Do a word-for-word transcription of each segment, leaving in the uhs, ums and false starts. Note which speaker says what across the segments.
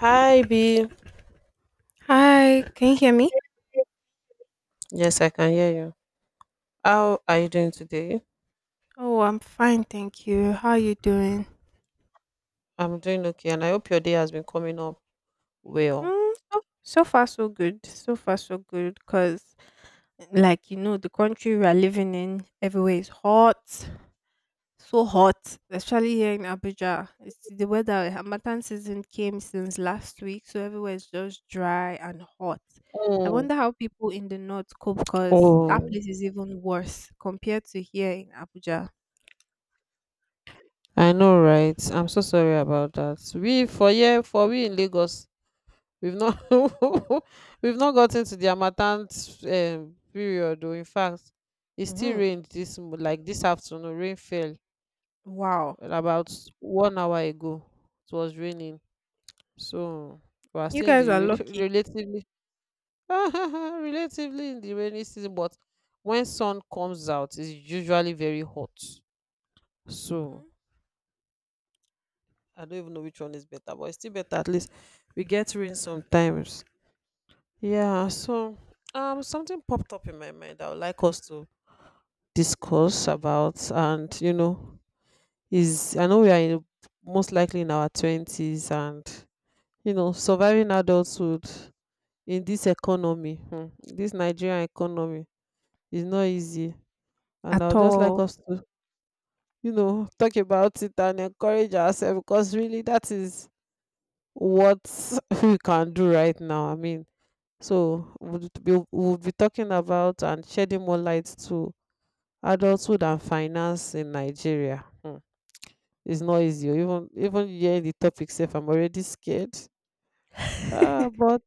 Speaker 1: Hi B.
Speaker 2: Hi, can you hear me?
Speaker 1: Yes, I can hear you. How are you
Speaker 2: Mm.
Speaker 1: doing today?
Speaker 2: Oh, I'm fine, thank you. How are you doing?
Speaker 1: I'm doing okay and I hope your day has been coming up well.
Speaker 2: Mm, so, so far so good. So far so good because like you know the country we are living in everywhere is hot. So hot, especially here in Abuja. It's the weather Hamatan season came since last week, so everywhere is just dry and hot. I
Speaker 1: Oh,
Speaker 2: wonder how people in the north cope because that
Speaker 1: Oh,
Speaker 2: place is even worse compared to here in Abuja.
Speaker 1: I know, right? I'm so sorry about that. We for here for we in Lagos, we've not we've not gotten to the harmattan um, period. Though, in fact, it still
Speaker 2: Hmm.
Speaker 1: rained this mo- like this afternoon. Rain fell
Speaker 2: Wow.
Speaker 1: about one hour ago. It was raining, so we are
Speaker 2: You
Speaker 1: still in
Speaker 2: guys
Speaker 1: the
Speaker 2: are
Speaker 1: re-
Speaker 2: lucky.
Speaker 1: relatively Relatively in the rainy season, but when sun comes out, it's usually very hot. So
Speaker 2: Mhm.
Speaker 1: I don't even know which one is better, but it's still better. At least we get rain sometimes. Yeah. So um, something popped up in my mind. I would like us to discuss about, and you know, is I know we are in, most likely in our twenties, and you know, surviving adulthood in this economy, hmm, this Nigerian economy, is not easy, and
Speaker 2: At
Speaker 1: I'll just like
Speaker 2: all.
Speaker 1: us to, you know, talk about it and encourage ourselves because really that is what we can do right now. I mean, so we'll be, we'll be talking about and shedding more light to adulthood and finance in Nigeria. Hmm. It's not easy. oh, Even even hearing the topic safe, I'm already scared. Ah, but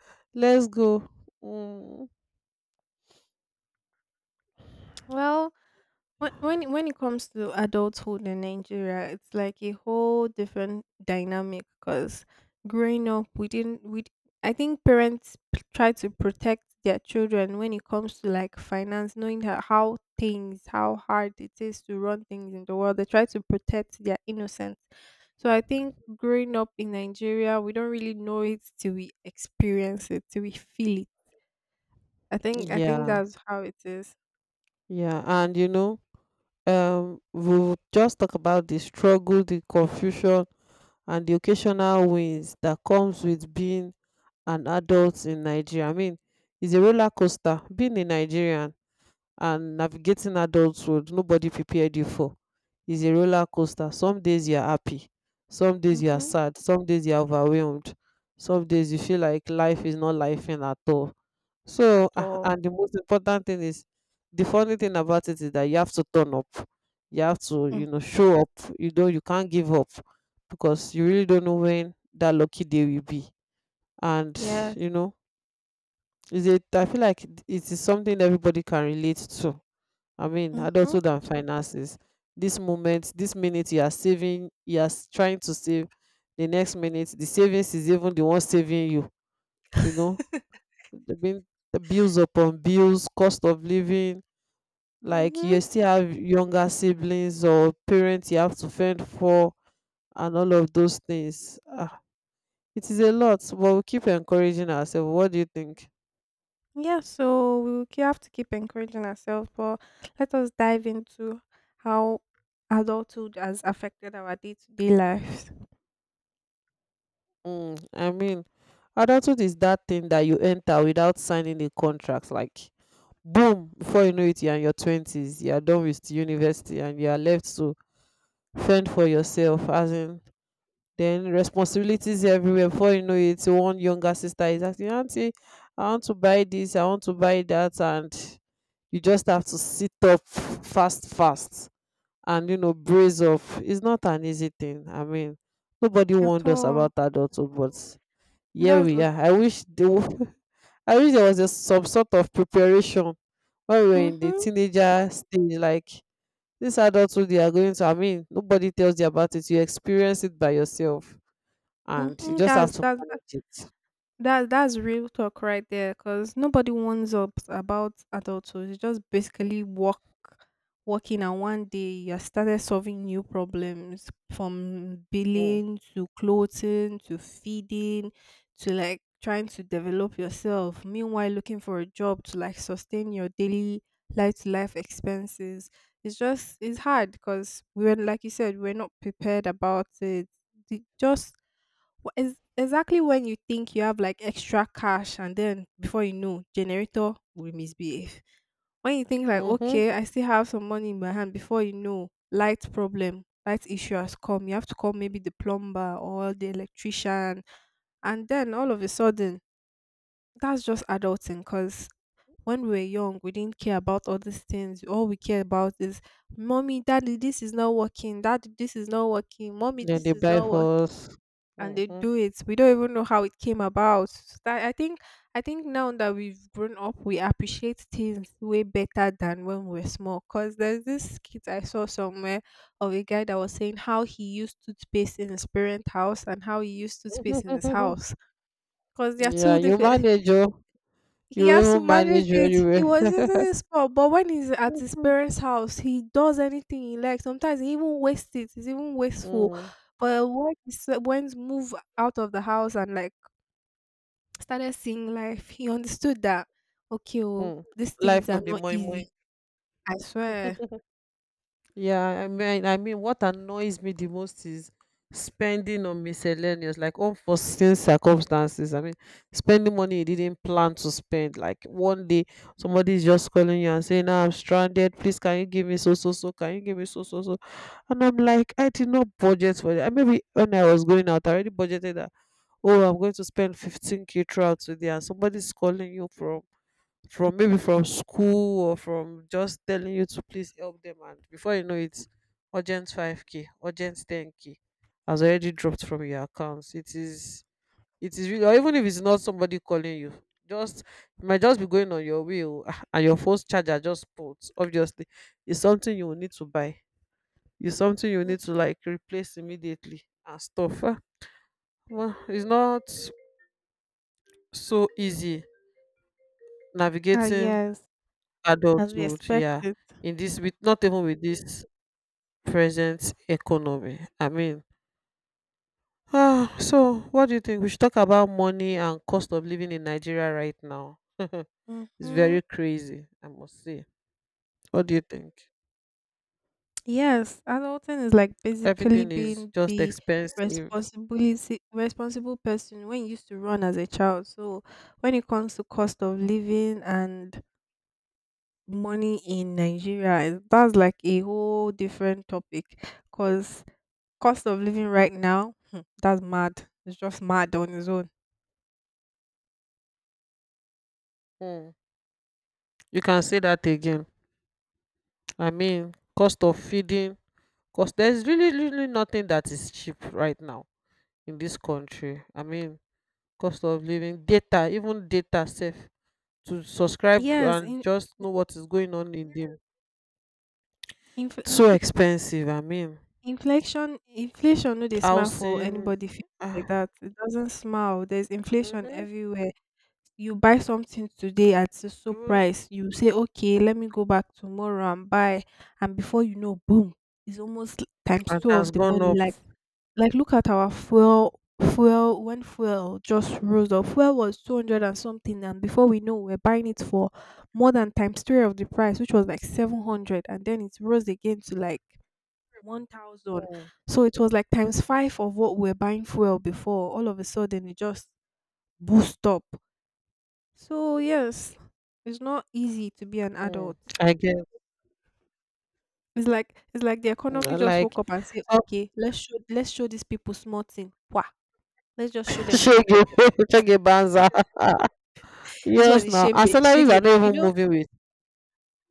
Speaker 1: let's go. Mm,
Speaker 2: Well, when when when it comes to adulthood in Nigeria, it's like a whole different dynamic because growing up, we didn't we d- I think parents p- try to protect their children when it comes to like finance, knowing ho- how things, how hard it is to run things in the world. They try to protect their innocence. So I think growing up in Nigeria, we don't really know it till we experience it, till we feel it. I think I think
Speaker 1: yeah,
Speaker 2: that's how it is.
Speaker 1: yeah, and you know. um, we'll just talk about the struggle, the confusion, and the occasional wins that comes with being an adult in Nigeria. I mean, it's a roller coaster. Being a Nigerian and navigating adulthood nobody prepared you for is a roller coaster. Some days you are happy, some days you are
Speaker 2: Mhm.
Speaker 1: sad, some days you are overwhelmed, some days you feel like life is not life in at all.
Speaker 2: At
Speaker 1: So, ah,
Speaker 2: all.
Speaker 1: and the most important thing is the funny thing about it is that you have to turn up. You have to, you
Speaker 2: Mm.
Speaker 1: know, show up. You don't, you can't give up because you really don't know when that lucky day will be. And
Speaker 2: Yes.
Speaker 1: you know, is it? I feel like it is something everybody can relate to. I mean,
Speaker 2: Mhm.
Speaker 1: adulthood and finances. This moment, this minute you are saving, you are s- trying to save. The next minute, the savings is even the one saving you. You know, the being the bills upon bills, cost of living. Like
Speaker 2: Mhm.
Speaker 1: you still have younger siblings or parents you have to fend for, and all of those things. Ah, it is a lot, but we keep encouraging ourselves. What do you think?
Speaker 2: Yeah, so we will k- have to keep encouraging ourselves, but let us dive into how adulthood has affected our day-to-day lives.
Speaker 1: Mm, I mean, adulthood is that thing that you enter without signing a contract, like boom, before you know it, you're in your twenties, you're done with university, and you are left to fend for yourself. As in, then responsibilities everywhere. Before you know it, one younger sister is asking, "Auntie, I want to buy this, I want to buy that," and you just have to sit up fast fast and you know brace up. It's not an easy thing. I mean, nobody
Speaker 2: At
Speaker 1: warned us
Speaker 2: all.
Speaker 1: about adulthood, but here
Speaker 2: That's
Speaker 1: we
Speaker 2: l-
Speaker 1: are. I wish there wa- I wish there was a, some sort of preparation when we were in the
Speaker 2: mhm.
Speaker 1: teenager stage. Like this adulthood they are going to. I mean, nobody tells you about it. You experience it by yourself, and you
Speaker 2: Mhm.
Speaker 1: just have
Speaker 2: That's
Speaker 1: to
Speaker 2: that.
Speaker 1: manage it.
Speaker 2: That that's real talk right there, because nobody warns up about adulthood. It's just basically work, working, and one day you started solving new problems from
Speaker 1: Mm.
Speaker 2: billing to clothing to feeding to like trying to develop yourself. Meanwhile, looking for a job to like sustain your daily life to life expenses. It's just it's hard because we were like you said we are not prepared about it. The, just Wha- is exactly when you think you have like extra cash, and then before you know, generator will misbehave. When you think like,
Speaker 1: Mm-hmm.
Speaker 2: okay, I still have some money in my hand, before you know, light problem, light issue has come. You have to call maybe the plumber or the electrician, and then all of a sudden, that's just adulting. Cause when we were young, we didn't care about all these things. All we care about is, mommy, daddy, this is not working. Daddy, this is not working. Mommy,
Speaker 1: Then
Speaker 2: this
Speaker 1: they
Speaker 2: is
Speaker 1: buy
Speaker 2: not working,
Speaker 1: for us.
Speaker 2: and they
Speaker 1: Mm-hmm.
Speaker 2: do it. We don't even know how it came about. So that- I think I think now that we've grown up, we appreciate things way better than when we were small. Cause there's this kid I saw somewhere of a guy that was saying how he used toothpaste in his parent house and how he used toothpaste in his house. Cause they are
Speaker 1: Yeah,
Speaker 2: two
Speaker 1: you
Speaker 2: different
Speaker 1: manage oh. You
Speaker 2: he has to
Speaker 1: even
Speaker 2: manage
Speaker 1: manage
Speaker 2: it.
Speaker 1: very
Speaker 2: He
Speaker 1: well.
Speaker 2: was using his spot, but when he's at his parents' house, he does anything he likes. Sometimes he even wastes it. It's even wasteful.
Speaker 1: Mm,
Speaker 2: But when he s- went move out of the house and like started seeing life, he understood that okay, oh,
Speaker 1: mm.
Speaker 2: these
Speaker 1: Life
Speaker 2: things
Speaker 1: no
Speaker 2: are
Speaker 1: be
Speaker 2: not
Speaker 1: moi moi.
Speaker 2: easy. I swear.
Speaker 1: Yeah, I mean, I mean, what annoys me the most is spending on miscellaneous, like unforeseen circumstances. I mean, spending money you didn't plan to spend. Like one day, somebody is just calling you and saying, "Now I'm stranded. Please, can you give me so so so? Can you give me so so so?" And I'm like, I did not budget for that. Maybe when I was going out, I already budgeted, oh, I'm going to spend fifteen k throughout today, and somebody's calling you from from maybe from school, or from just telling you to please help them, and before you know it, urgent five k, urgent ten k has already dropped from your accounts. It is, it is really. Or even if it's not somebody calling you, just, you might just be going on your way, oh, ah, and your phone's charger just pulled. Obviously it's something you will need to buy, it's something you need to
Speaker 2: Mm-hmm.
Speaker 1: like replace immediately and stuff. Ah, well, it's not so easy
Speaker 2: Ah,
Speaker 1: navigating
Speaker 2: yes, as we
Speaker 1: adulthood, yeah,
Speaker 2: expected.
Speaker 1: in this, with not even with this present economy. I mean, ah, so what do you think? We should talk about money and cost of living in Nigeria right now. It's
Speaker 2: Mm-hmm.
Speaker 1: very crazy, I must say. What do you think?
Speaker 2: Yes, adulting is like basically
Speaker 1: Everything is
Speaker 2: being
Speaker 1: just
Speaker 2: the
Speaker 1: expensive.
Speaker 2: responsibility responsible person when you used to run as a child. So when it comes to cost of living and money in Nigeria, it- that's like a whole different topic because cost of living right now, hmm, that's mad. It's just mad on its own.
Speaker 1: Mm, you can say that again. I mean, cost of feeding, cost, there's really really nothing that is cheap right now in this country. I mean, cost of living, data, even data safe, to subscribe
Speaker 2: Yes,
Speaker 1: and
Speaker 2: in,
Speaker 1: just know what is going on in the,
Speaker 2: inf
Speaker 1: so
Speaker 2: infl
Speaker 1: expensive, I mean,
Speaker 2: inflation inflation no dey smile for
Speaker 1: housing,
Speaker 2: anybody feel
Speaker 1: ah,
Speaker 2: like that. It doesn't smile. There's inflation
Speaker 1: mhm,
Speaker 2: everywhere. You buy something today at a so
Speaker 1: even
Speaker 2: price, you say okay let me go back tomorrow and buy, and before you know, boom, it's almost l- times
Speaker 1: and
Speaker 2: two of
Speaker 1: has
Speaker 2: the
Speaker 1: gone
Speaker 2: money.
Speaker 1: up.
Speaker 2: Like like look at our fuel fuel When fuel just rose up, fuel was two hundred and something, and before we know we're buying it for more than times three of the price, which was like seven hundred, and then it rose again to like one thousand.
Speaker 1: Mm,
Speaker 2: So it was like times five of what we we're buying fuel before, all of a sudden it just boost up. So yes, it's not easy to be an
Speaker 1: mm,
Speaker 2: adult.
Speaker 1: I get.
Speaker 2: It's like it's like the economy
Speaker 1: Mm,
Speaker 2: just woke
Speaker 1: like,
Speaker 2: up and say,
Speaker 1: so.
Speaker 2: okay, let's show let's show these people small thing. Wah, let's just show them small
Speaker 1: Shege.
Speaker 2: pepper.
Speaker 1: Shege banza.
Speaker 2: This one
Speaker 1: Yes,
Speaker 2: is
Speaker 1: now our
Speaker 2: shembe
Speaker 1: salaries
Speaker 2: shege.
Speaker 1: are not
Speaker 2: You
Speaker 1: even
Speaker 2: know,
Speaker 1: moving with.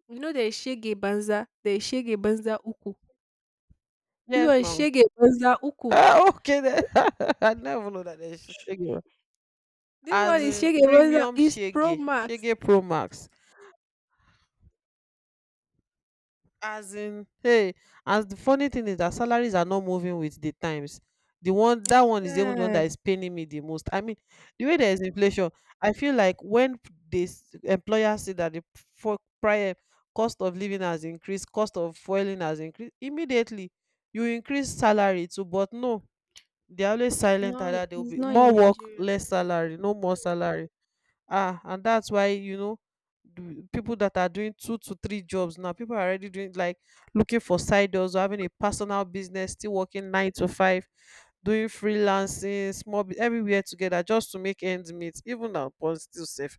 Speaker 2: you know there is shege banza, there is shege banza uku. This
Speaker 1: Yes,
Speaker 2: one is
Speaker 1: now.
Speaker 2: shege banza uku.
Speaker 1: Ah, okay then. I never know that there's shege.
Speaker 2: This one
Speaker 1: As
Speaker 2: is
Speaker 1: in
Speaker 2: shege banza
Speaker 1: premium
Speaker 2: is pro
Speaker 1: shege,
Speaker 2: max.
Speaker 1: shege pro max. As in hey. As the funny thing is that salaries are not moving with the times. The one
Speaker 2: I
Speaker 1: that one is even the one
Speaker 2: swear.
Speaker 1: that is paining me the most. I mean, the way there is inflation, I feel like when this employers see that the, for prior, cost of living has increased, cost of fueling has increased immediately, you increase salary too. But no, they are always silent at
Speaker 2: No,
Speaker 1: that. There will
Speaker 2: it's
Speaker 1: be
Speaker 2: not in
Speaker 1: more work,
Speaker 2: Nigeria.
Speaker 1: less salary. No more salary. Ah, and that's why you know the people that are doing two to three jobs, now people are already doing like looking for side jobs, or having a personal business, still working nine to five, doing freelancing, small bu- everywhere together just to make ends meet. Even upon still safe,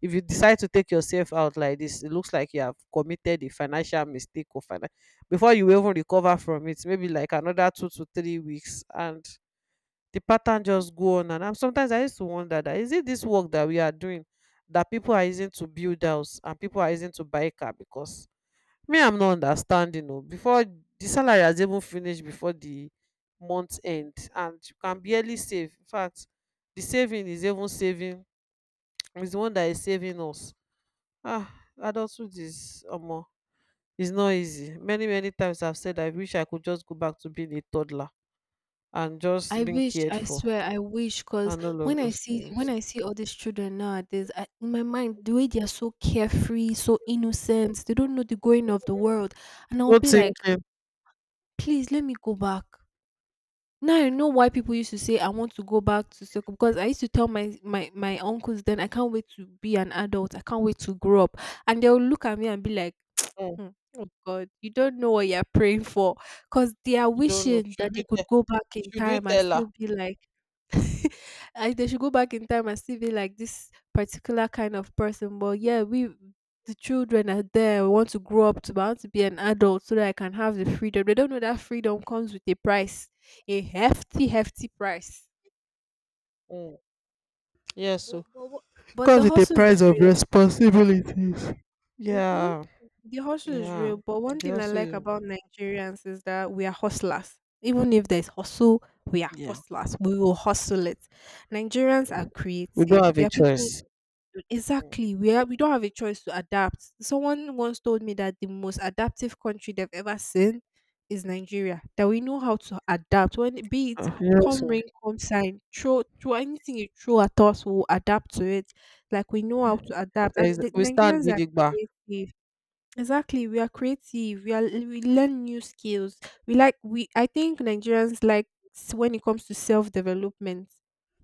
Speaker 1: if you decide to take yourself out like this, it looks like you have committed a financial mistake or finan- before you even recover from it, maybe like another two to three weeks, and the pattern just go on and on. Sometimes I used to wonder, that is it this work that we are doing that people are using to build house, and people are using to buy car? Because me, I'm not understanding. Oh, before the salary has even finished, before the month end, and you can barely save. In fact, the saving is even saving, is the one that is saving us. Ah, adulthood is omo. It's not easy. Many many times I've said I wish I could just go back to being a toddler and
Speaker 2: I
Speaker 1: just being
Speaker 2: wish,
Speaker 1: cared
Speaker 2: I
Speaker 1: for,
Speaker 2: swear, I wish, cause
Speaker 1: and all of
Speaker 2: when I
Speaker 1: those
Speaker 2: see
Speaker 1: things.
Speaker 2: when I see all these children nowadays, I, in my mind, the way they are so carefree, so innocent, they don't know the going of the world, and I'll
Speaker 1: Not
Speaker 2: be like,
Speaker 1: thinking.
Speaker 2: please let me go back. Now I know why people used to say I want to go back to school because I used to tell my my my uncles then I can't wait to be an adult, I can't wait to grow up, and they'll look at me and be like,
Speaker 1: Mm,
Speaker 2: hmm, oh God, you don't know what you're praying for, cause they are
Speaker 1: you don't know.
Speaker 2: wishing
Speaker 1: Should
Speaker 2: that they
Speaker 1: we tell?
Speaker 2: could go back in
Speaker 1: Should we
Speaker 2: time and
Speaker 1: tell her?
Speaker 2: still be like I, they should go back in time and still be like this particular kind of person. But yeah, we the children are there. We want to grow up to I want to be an adult so that I can have the freedom. They don't know that freedom comes with a price, a hefty, hefty price.
Speaker 1: Mm. Yes.
Speaker 2: But
Speaker 1: So,
Speaker 2: but what- but the
Speaker 1: comes with a
Speaker 2: hustle
Speaker 1: price
Speaker 2: is
Speaker 1: of
Speaker 2: real.
Speaker 1: responsibilities.
Speaker 2: Hmm.
Speaker 1: Yeah,
Speaker 2: The hustle is
Speaker 1: yeah.
Speaker 2: real. But one
Speaker 1: It
Speaker 2: thing I
Speaker 1: also
Speaker 2: like
Speaker 1: is.
Speaker 2: about Nigerians is that we are hustlers. Even if there's hustle, we are
Speaker 1: Yeah.
Speaker 2: hustlers. We will hustle it. Nigerians are
Speaker 1: We don't
Speaker 2: creative.
Speaker 1: have
Speaker 2: They
Speaker 1: a
Speaker 2: are people.
Speaker 1: choice.
Speaker 2: Exactly. We are, we don't have a choice to adapt. Someone once told me that the most adaptive country they've ever seen is Nigeria. That we know how to adapt when it- be it
Speaker 1: Uh, Yes,
Speaker 2: come
Speaker 1: oh.
Speaker 2: rain, come shine, throw throw anything you throw at us, we'll adapt to it. Like we know how to adapt, and
Speaker 1: Ex-
Speaker 2: the
Speaker 1: we stand
Speaker 2: Nigerians are
Speaker 1: gidigba.
Speaker 2: creative. Exactly, we are creative. We are we learn new skills. We like we I think Nigerians like s- when it comes to self-development,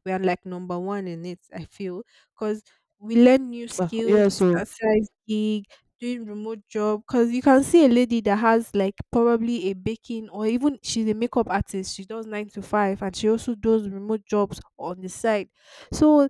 Speaker 2: we are like number one in it, I feel, because we learn new
Speaker 1: Ah,
Speaker 2: skills, we
Speaker 1: yes,
Speaker 2: start
Speaker 1: oh.
Speaker 2: size gig, doing remote job because you can see a lady that has like probably a baking or even she's a makeup artist, she does nine to five and she also does remote jobs on the side. So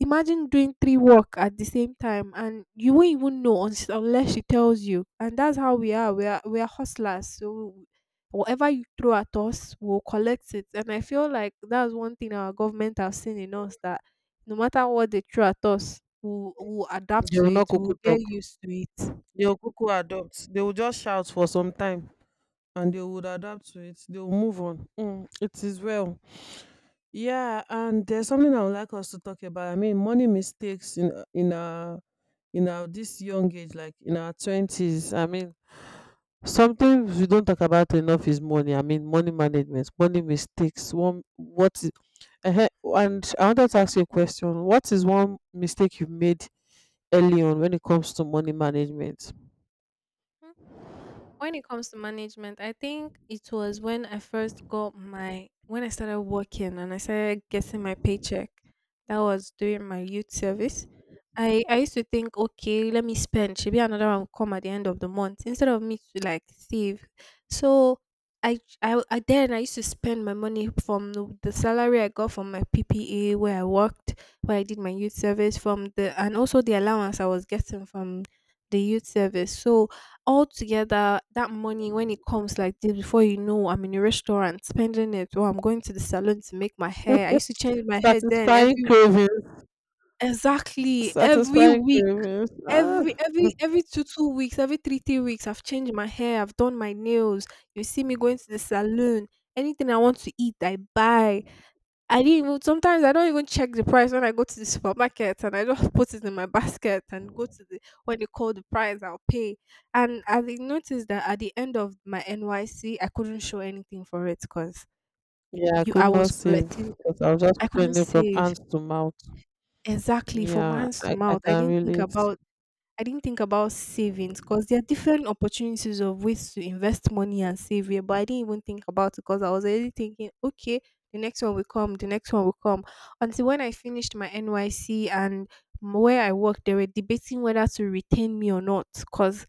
Speaker 2: imagine doing three work at the same time and you won't even know uns- unless she tells you. And that's how we are. We are we are hustlers. So whatever you throw at us, we'll collect it. And I feel like that's one thing our government have seen in us that no matter what they throw at us, we'll, we'll adapt
Speaker 1: They
Speaker 2: to
Speaker 1: will
Speaker 2: it.
Speaker 1: not cuckoo
Speaker 2: We'll get
Speaker 1: talk.
Speaker 2: used to it.
Speaker 1: They will cuckoo adopt. They will just shout for some time, and they would adapt to it. They will move on. Mm, it is well. Yeah, and there's something I would like us to talk about. I mean, money mistakes in in our in our this young age, like in our twenties. I mean, something we don't talk about enough is money. I mean, money management, money mistakes. One what is, uh, and I wanted to ask you a question. What is one mistake you made early on when it comes to money management?
Speaker 2: When it comes to management, I think it was when I first got my when I started working and I started getting my paycheck. That was during my youth service. I I used to think, okay, let me spend. Should be another one will come at the end of the month instead of me to like save. So I, I, I then I used to spend my money from the, the salary I got from my P P A where I worked, where I did my youth service from the and also the allowance I was getting from the youth service. So altogether that money when it comes like this before you know I'm in a restaurant spending it or I'm going to the salon to make my hair. I used to change my hair then
Speaker 1: Satisfying
Speaker 2: every
Speaker 1: cravings.
Speaker 2: exactly every
Speaker 1: Satisfying
Speaker 2: week
Speaker 1: cravings. Ah.
Speaker 2: every every every two two weeks, every three three weeks I've changed my hair, I've done my nails. You see me going to the salon. Anything I want to eat I buy. I didn't even sometimes I don't even check the price when I go to the supermarket and I just put it in my basket and go to the when they call the price I'll pay. And I did notice that at the end of my N Y C I couldn't show anything for it because
Speaker 1: Yeah, I
Speaker 2: you
Speaker 1: could
Speaker 2: I was
Speaker 1: not save
Speaker 2: collecting
Speaker 1: because I was just
Speaker 2: I couldn't
Speaker 1: spending from
Speaker 2: save
Speaker 1: hands to mouth.
Speaker 2: exactly from
Speaker 1: Yeah,
Speaker 2: hands to
Speaker 1: I, I
Speaker 2: mouth. I
Speaker 1: can
Speaker 2: didn't think
Speaker 1: relate.
Speaker 2: about I didn't think about savings because there are different opportunities of ways to invest money and save it. But I didn't even think about it because I was already thinking, okay, the next one will come, the next one will come. Until when I finished my N Y C and m- where I worked, they were debating whether to retain me or not because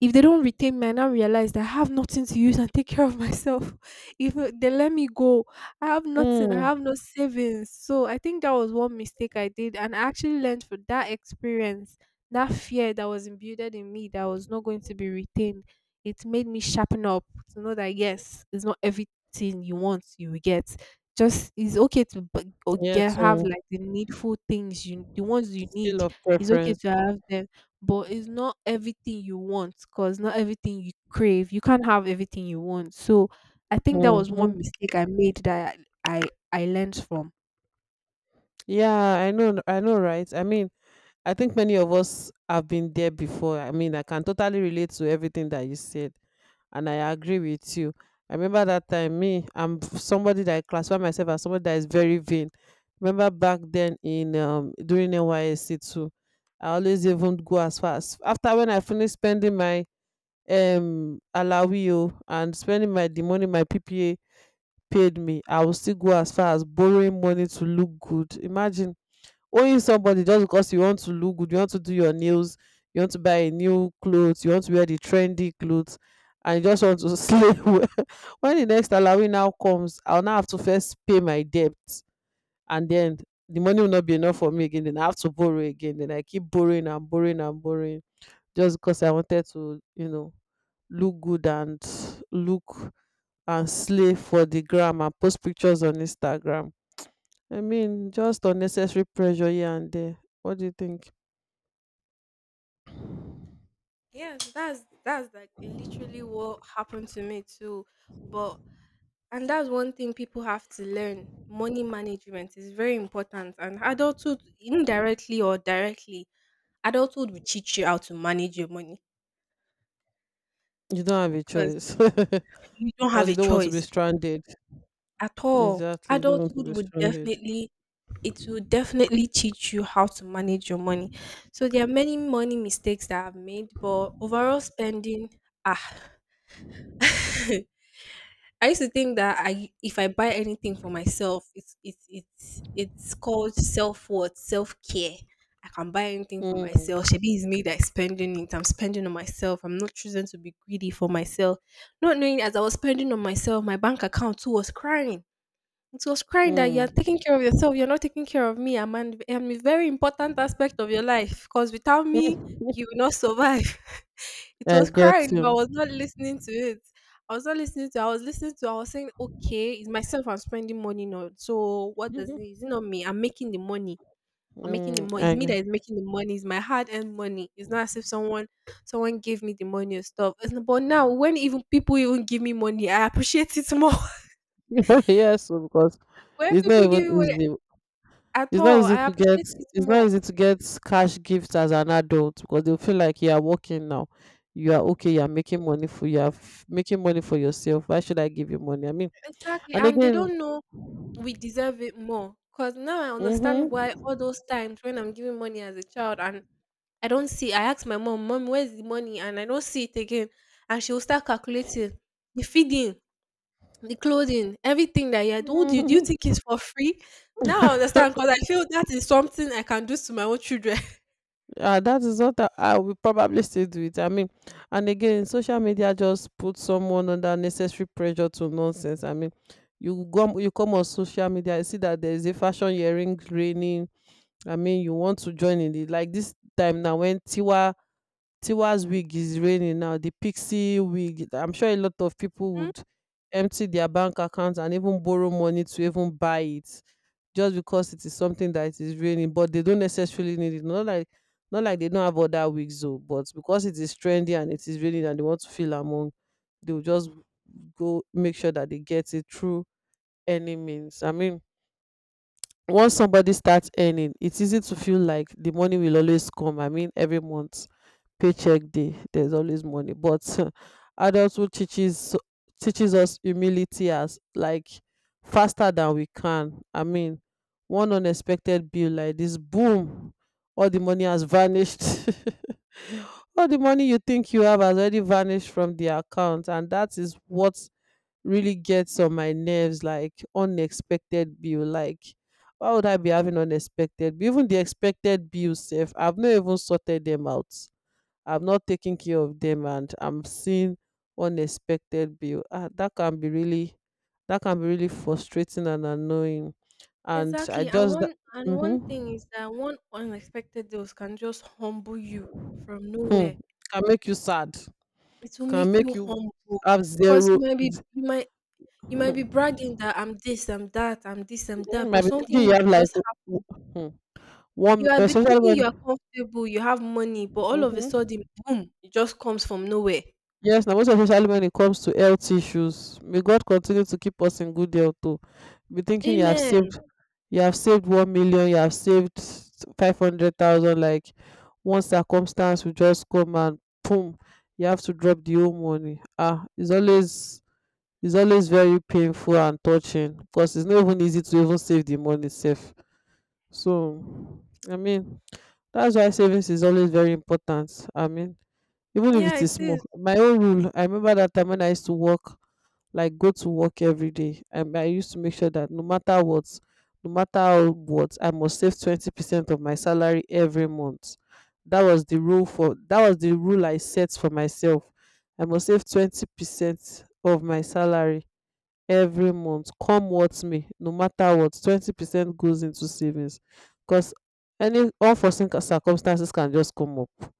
Speaker 2: if they don't retain me, I now realize that I have nothing to use and take care of myself. If uh, they let me go, I have nothing. I
Speaker 1: Mm,
Speaker 2: have no savings. So I think that was one mistake I did, and I actually learned from that experience. That fear that was imbued in me that I was not going to be retained, it made me sharpen up to know that yes, it's not everything you want you will get. Just it's okay to b- or get
Speaker 1: yes,
Speaker 2: have
Speaker 1: mm.
Speaker 2: like the needful things you the ones you need.
Speaker 1: Scale of
Speaker 2: It's okay
Speaker 1: preference.
Speaker 2: to have them, but it's not everything you want, because not everything you crave, you can't have everything you want, so I think that was one
Speaker 1: Mhm.
Speaker 2: mistake I made, that i i, I learned from.
Speaker 1: Yeah, I know, I know, right? I mean, I think many of us have been there before. I mean, I can totally relate to everything that you said, and I agree with you. I remember that time. Me, I'm somebody that I classify myself as somebody that is very vain. Remember back then in um during N Y S C too, I always even go as far as, after when I finish spending my um allowio and spending my the money my P P A paid me, I will still go as far as borrowing money to look good. Imagine owing somebody just because you want to look good, you want to do your nails, you want to buy a new clothes, you want to wear the trendy clothes, and you just want to slay well. When the next allowing now comes, I will now have to first pay my debt, and then the money will not be enough for me again. Then I have to borrow again. Then I keep borrowing and borrowing and borrowing just because I wanted to, you know look good and look and slay for the gram and post pictures on Instagram. I mean, just unnecessary pressure here and there. What do you think?
Speaker 2: Yes, that's that's like literally what happened to me too. But and that's one thing people have to learn. Money management is very important, and adulthood, indirectly or directly, adulthood will teach you how to manage your money,
Speaker 1: You don't have a
Speaker 2: because
Speaker 1: choice.
Speaker 2: you don't have
Speaker 1: Because
Speaker 2: a
Speaker 1: you don't want to be
Speaker 2: choice
Speaker 1: stranded.
Speaker 2: at all.
Speaker 1: Exactly, you don't want to
Speaker 2: Adulthood
Speaker 1: be
Speaker 2: would
Speaker 1: stranded.
Speaker 2: definitely, it will definitely teach you how to manage your money. So there are many money mistakes that I've made, but overall spending, ah, I used to think that I if I buy anything for myself, it's it's it's it's called self worth, self care. I can buy anything for
Speaker 1: Mm,
Speaker 2: myself. Shebi is me that's spending it. I'm spending on myself. I'm not choosing to be greedy for myself. Not knowing, as I was spending on myself, my bank account too was crying. It was crying that you're taking
Speaker 1: mm.
Speaker 2: care of yourself, you're not taking care of me. I'm an I'm a very important aspect of your life, because without me, you will not survive. It
Speaker 1: I
Speaker 2: was
Speaker 1: get
Speaker 2: crying,
Speaker 1: you.
Speaker 2: but I was not listening to it. I was not listening to, I was listening to, I was saying, okay, it's myself I'm spending money on. So what does it,
Speaker 1: Mhm.
Speaker 2: is it not me? I'm making the money. I'm making the
Speaker 1: Mm,
Speaker 2: money. It's
Speaker 1: I
Speaker 2: me that
Speaker 1: get.
Speaker 2: is making the money. It's my hard earned money. It's not as if someone someone gave me the money and stuff. It's- But now, when even people even give me money, I appreciate it more.
Speaker 1: Yes, so because
Speaker 2: When
Speaker 1: it's not
Speaker 2: people give me
Speaker 1: even
Speaker 2: money,
Speaker 1: easy.
Speaker 2: at
Speaker 1: It's not
Speaker 2: all,
Speaker 1: easy
Speaker 2: I
Speaker 1: to get.
Speaker 2: appreciate it
Speaker 1: It's not
Speaker 2: more.
Speaker 1: easy to get cash gifts as an adult because they feel like you are working now. You are okay. You are making money for you are f- making money for yourself. Why should I give you money? I mean,
Speaker 2: Exactly,
Speaker 1: and
Speaker 2: and they
Speaker 1: again.
Speaker 2: don't know we deserve it more. Cause now I understand why all those times when I'm giving money as a child, and I don't see, I ask my mom, "Mom, where's the money?" And I don't see it again, and she will start calculating the feeding, the clothing, everything that you do, do you do you
Speaker 1: Mm-hmm.
Speaker 2: think it's for free? Now I understand, cause I feel that is something I can do to my own children.
Speaker 1: Uh, that is what I, I will probably still do it. I mean, and again, social media just puts someone under necessary pressure to nonsense. I mean, you go, you come on social media, you see that there is a fashion earring raining. I mean, you want to join in it. Like this time now, when Tiwa Tiwa's wig is raining now, the Pixie wig. I'm sure a lot of people would empty their bank accounts and even borrow money to even buy it just because it is something that is raining, but they don't necessarily need it. Not like, not like they don't have other weeks though, but because it is trendy and it is raining and they want to feel among, they will just go make sure that they get it through any means. I mean, once somebody starts earning, it's easy to feel like the money will always come. I mean, every month paycheck day, there's always money. But adulthood teaches teaches us humility as like faster than we can. I mean, one unexpected bill like this, boom, all the money has vanished. All the money you think you have has already vanished from the account, and that is what really gets on my nerves. Like unexpected bill. Like why would I be having unexpected bill? Even the expected bills sef I've not even sorted them out. I am not taking care of them, and I'm seeing unexpected bill. Ah, that can be really that can be really frustrating and annoying. And I
Speaker 2: Exactly. And
Speaker 1: just that.
Speaker 2: one and one thing
Speaker 1: Mm-hmm.
Speaker 2: is that one unexpected dose can just humble you from
Speaker 1: Hmm.
Speaker 2: nowhere.
Speaker 1: Can make you sad,
Speaker 2: It will
Speaker 1: can
Speaker 2: make
Speaker 1: make
Speaker 2: you
Speaker 1: you
Speaker 2: humble.
Speaker 1: have
Speaker 2: Because
Speaker 1: zero.
Speaker 2: you might be
Speaker 1: z-
Speaker 2: you might you might be bragging
Speaker 1: Hmm.
Speaker 2: that I'm this, I'm that, I'm this, I'm
Speaker 1: Mhm.
Speaker 2: that, but
Speaker 1: Might be
Speaker 2: something
Speaker 1: thinking you
Speaker 2: will
Speaker 1: have like
Speaker 2: just
Speaker 1: w-
Speaker 2: happen.
Speaker 1: w- hmm, one,
Speaker 2: You are be
Speaker 1: especially
Speaker 2: thinking
Speaker 1: when.
Speaker 2: you are comfortable, you have money, but all of a
Speaker 1: Mm-hmm.
Speaker 2: sudden, boom, it just comes from nowhere.
Speaker 1: Yes, now most especially when it comes to health issues. May God continue to keep us in good health too. Be thinking you have
Speaker 2: Amen.
Speaker 1: saved, you have saved one million, you have saved five hundred thousand, like one circumstance will just come and boom, you have to drop the whole money. Ah, it's always it's always very painful and touching because it's not even easy to even save the money safe. So I mean, that's why savings is always very important. I mean, even if
Speaker 2: Yeah,
Speaker 1: it is
Speaker 2: it
Speaker 1: small,
Speaker 2: is.
Speaker 1: my own rule, I remember that time when I used to work, like go to work every day, and I used to make sure that no matter what, no matter how, what, I must save twenty percent of my salary every month. that was the rule for that was the rule I set for myself. I must save twenty percent of my salary every month. Come what may, no matter what, twenty percent goes into savings, because any unforeseen circumstances can just come up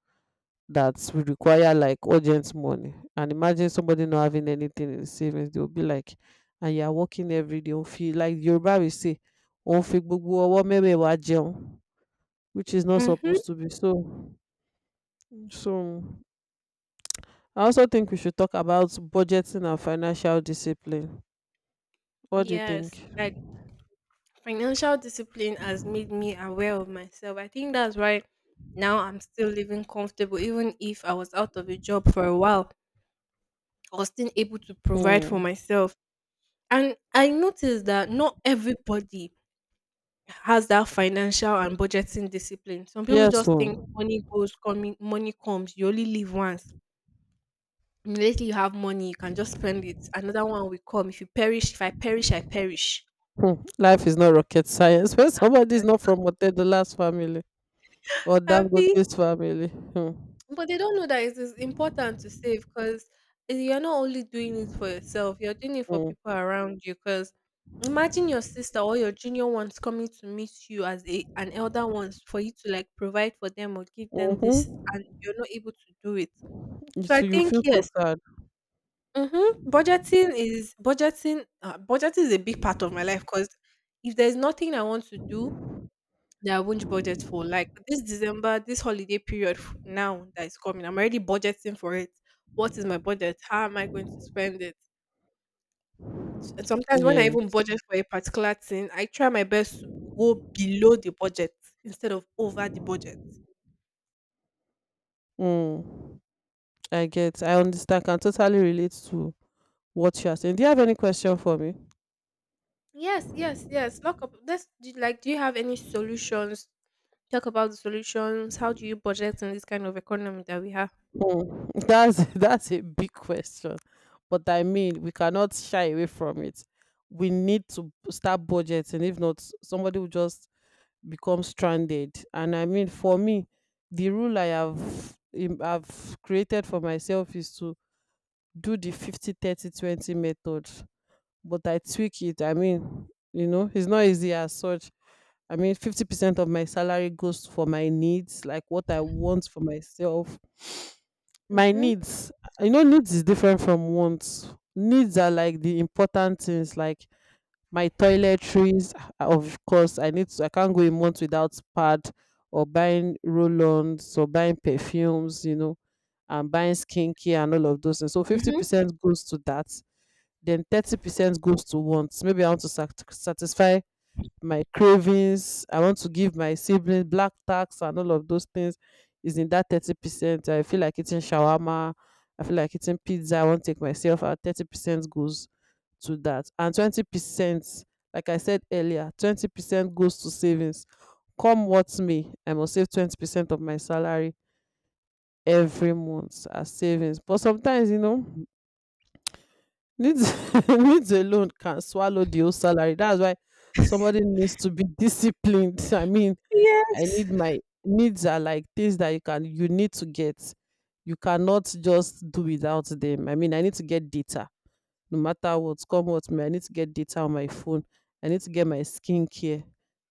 Speaker 1: that will require like urgent money. And imagine somebody not having anything in savings. They will be like, and you are working every day. Won't feel like Yoruba will say, won't fi gbogbo ọwọ́ mẹ́wẹ̀ẹ̀wá jẹun, which is not
Speaker 2: Mm-hmm.
Speaker 1: supposed to be so. So I also think we should talk about budgeting and financial discipline. What do you think?
Speaker 2: Yes. Like financial discipline has made me aware of myself. I think that's why now I'm still living comfortable, even if I was out of a job for a while. I was still able to provide for
Speaker 1: Mm.
Speaker 2: myself. And I noticed that not everybody has that financial and budgeting discipline. Some people
Speaker 1: Yes
Speaker 2: just
Speaker 1: o.
Speaker 2: think money goes coming, money comes, you only live once. Immediately you have money, you can just spend it. Another one will come. If you perish, if I perish, I perish.
Speaker 1: Hmm. Life is not rocket science. When somebody is not from Otedola's family or
Speaker 2: Abi.
Speaker 1: Dangote's family. Hmm.
Speaker 2: But they don't know that it is important to save, because you're not only doing it for yourself, you're doing it for
Speaker 1: Hmm.
Speaker 2: people around you. Because imagine your sister or your junior ones coming to meet you as a, an elder ones for you to like provide for them or give them this,
Speaker 1: Mhm.
Speaker 2: and you're not able to do it.
Speaker 1: You
Speaker 2: So I
Speaker 1: too, you
Speaker 2: think,
Speaker 1: feel so
Speaker 2: yes.
Speaker 1: sad.
Speaker 2: Mm-hmm. Budgeting is budgeting. Uh, budgeting is a big part of my life, because if there's nothing I want to do that I won't budget for. Like this December, this holiday period f- now that is coming, I'm already budgeting for it. What is my budget? How am I going to spend it? And sometimes when I even
Speaker 1: Yes.
Speaker 2: budget for a particular thing, I try my best to go below the budget instead of over the budget.
Speaker 1: Mm. I get. I understand. Can totally relate to what you are saying. Do you have any question for me?
Speaker 2: Yes, yes, yes. Lock up. That's do, like, do you have any solutions? Talk about the solutions. How do you budget in this kind of economy that we have?
Speaker 1: Mm. That's that's a big question, but I mean we cannot shy away from it. We need to b- start budgeting. If not, somebody will just become stranded. And I mean, for me, the rule I have im- I've created for myself is to do the fifty thirty twenty method, but I tweak it. I mean, you know, it's not easy as such. I mean, fifty percent of my salary goes for my needs, like what I want for myself. My
Speaker 2: Mm-hmm.
Speaker 1: needs, you know, needs is different from wants. Needs are like the important things, like my toiletries. Ah, of course, I need to, I can't go a month without pad or buying roll-ons or buying perfumes, you know, and buying skincare and all of those things. So
Speaker 2: Hmm.
Speaker 1: fifty percent goes to that. Then thirty percent goes to wants. Maybe I want to sat- satisfy my cravings. I want to give my siblings black tax, and all of those things is in that thirty percent. I feel like eating shawarma. I feel like eating pizza. I want to take myself out. thirty percent goes to that. And twenty percent, like I said earlier, twenty percent goes to savings. Come what may, I must save twenty percent of my salary every month as savings. But sometimes, you know, needs needs alone can swallow the whole salary. That's why somebody needs to be disciplined. I mean, I
Speaker 2: Yes,
Speaker 1: need my needs are like things that you can you need to get. You cannot just do without them. I mean, I need to get data, no matter what, come what may. I need to get data on my phone. I need to get my skincare.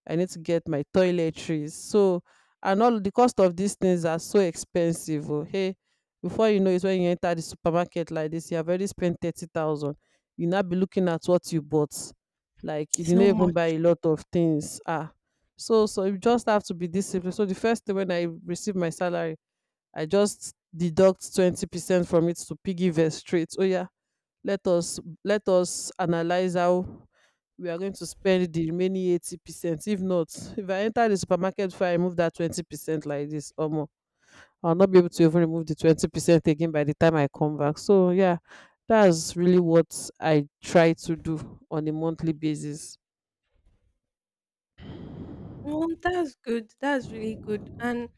Speaker 1: I need to get my toiletries. So and all the cost of these things are so expensive. Oh hey, before you know it, when you enter the supermarket like this, you have already spent thirty thousand. You now be looking at what you bought, like you
Speaker 2: it's
Speaker 1: didn't
Speaker 2: not
Speaker 1: even buy
Speaker 2: much.
Speaker 1: a lot of things. Ah, so so you just have to be disciplined. So the first thing when I receive my salary, I just deduct twenty percent from it to piggy vest straight. Oh yeah, let us let us analyze how we are going to spend the remaining eighty percent. If not, if I enter the supermarket before I remove that twenty percent like this, omo, I will not be able to even remove the twenty percent again by the time I come back. So yeah, that's really what I try to do on a monthly basis.
Speaker 2: Oh, that's good. That's really good. And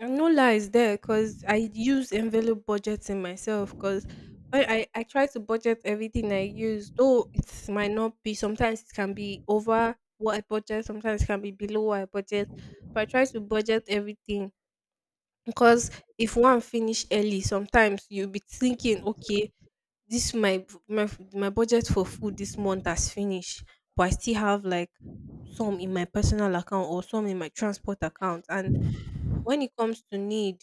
Speaker 2: And no lies there, because I use envelope budgeting myself. Because I, I, I try to budget everything I use, though it might not be, sometimes it can be over what I budget, sometimes it can be below what I budget. But I try to budget everything, because if one finish early, sometimes you'll be thinking, okay, this my my my budget for food this month has finished, but I still have like some in my personal account or some in my transport account. And when it comes to need,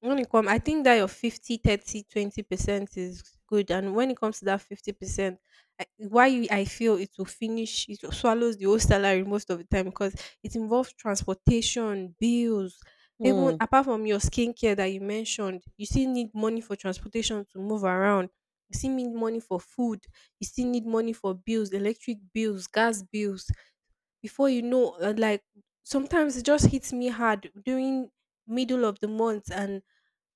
Speaker 2: when it comes, I think that your fifty, thirty, twenty percent is good. And when it comes to that fifty percent, I why you, I feel it will finish, it will swallows the whole salary most of the time, because it involves transportation, bills, even
Speaker 1: Mm,
Speaker 2: apart from your skincare that you mentioned, you still need money for transportation to move around. You still need money for food. You still need money for bills, electric bills, gas bills. Before you know, uh, like sometimes it just hits me hard during middle of the month, and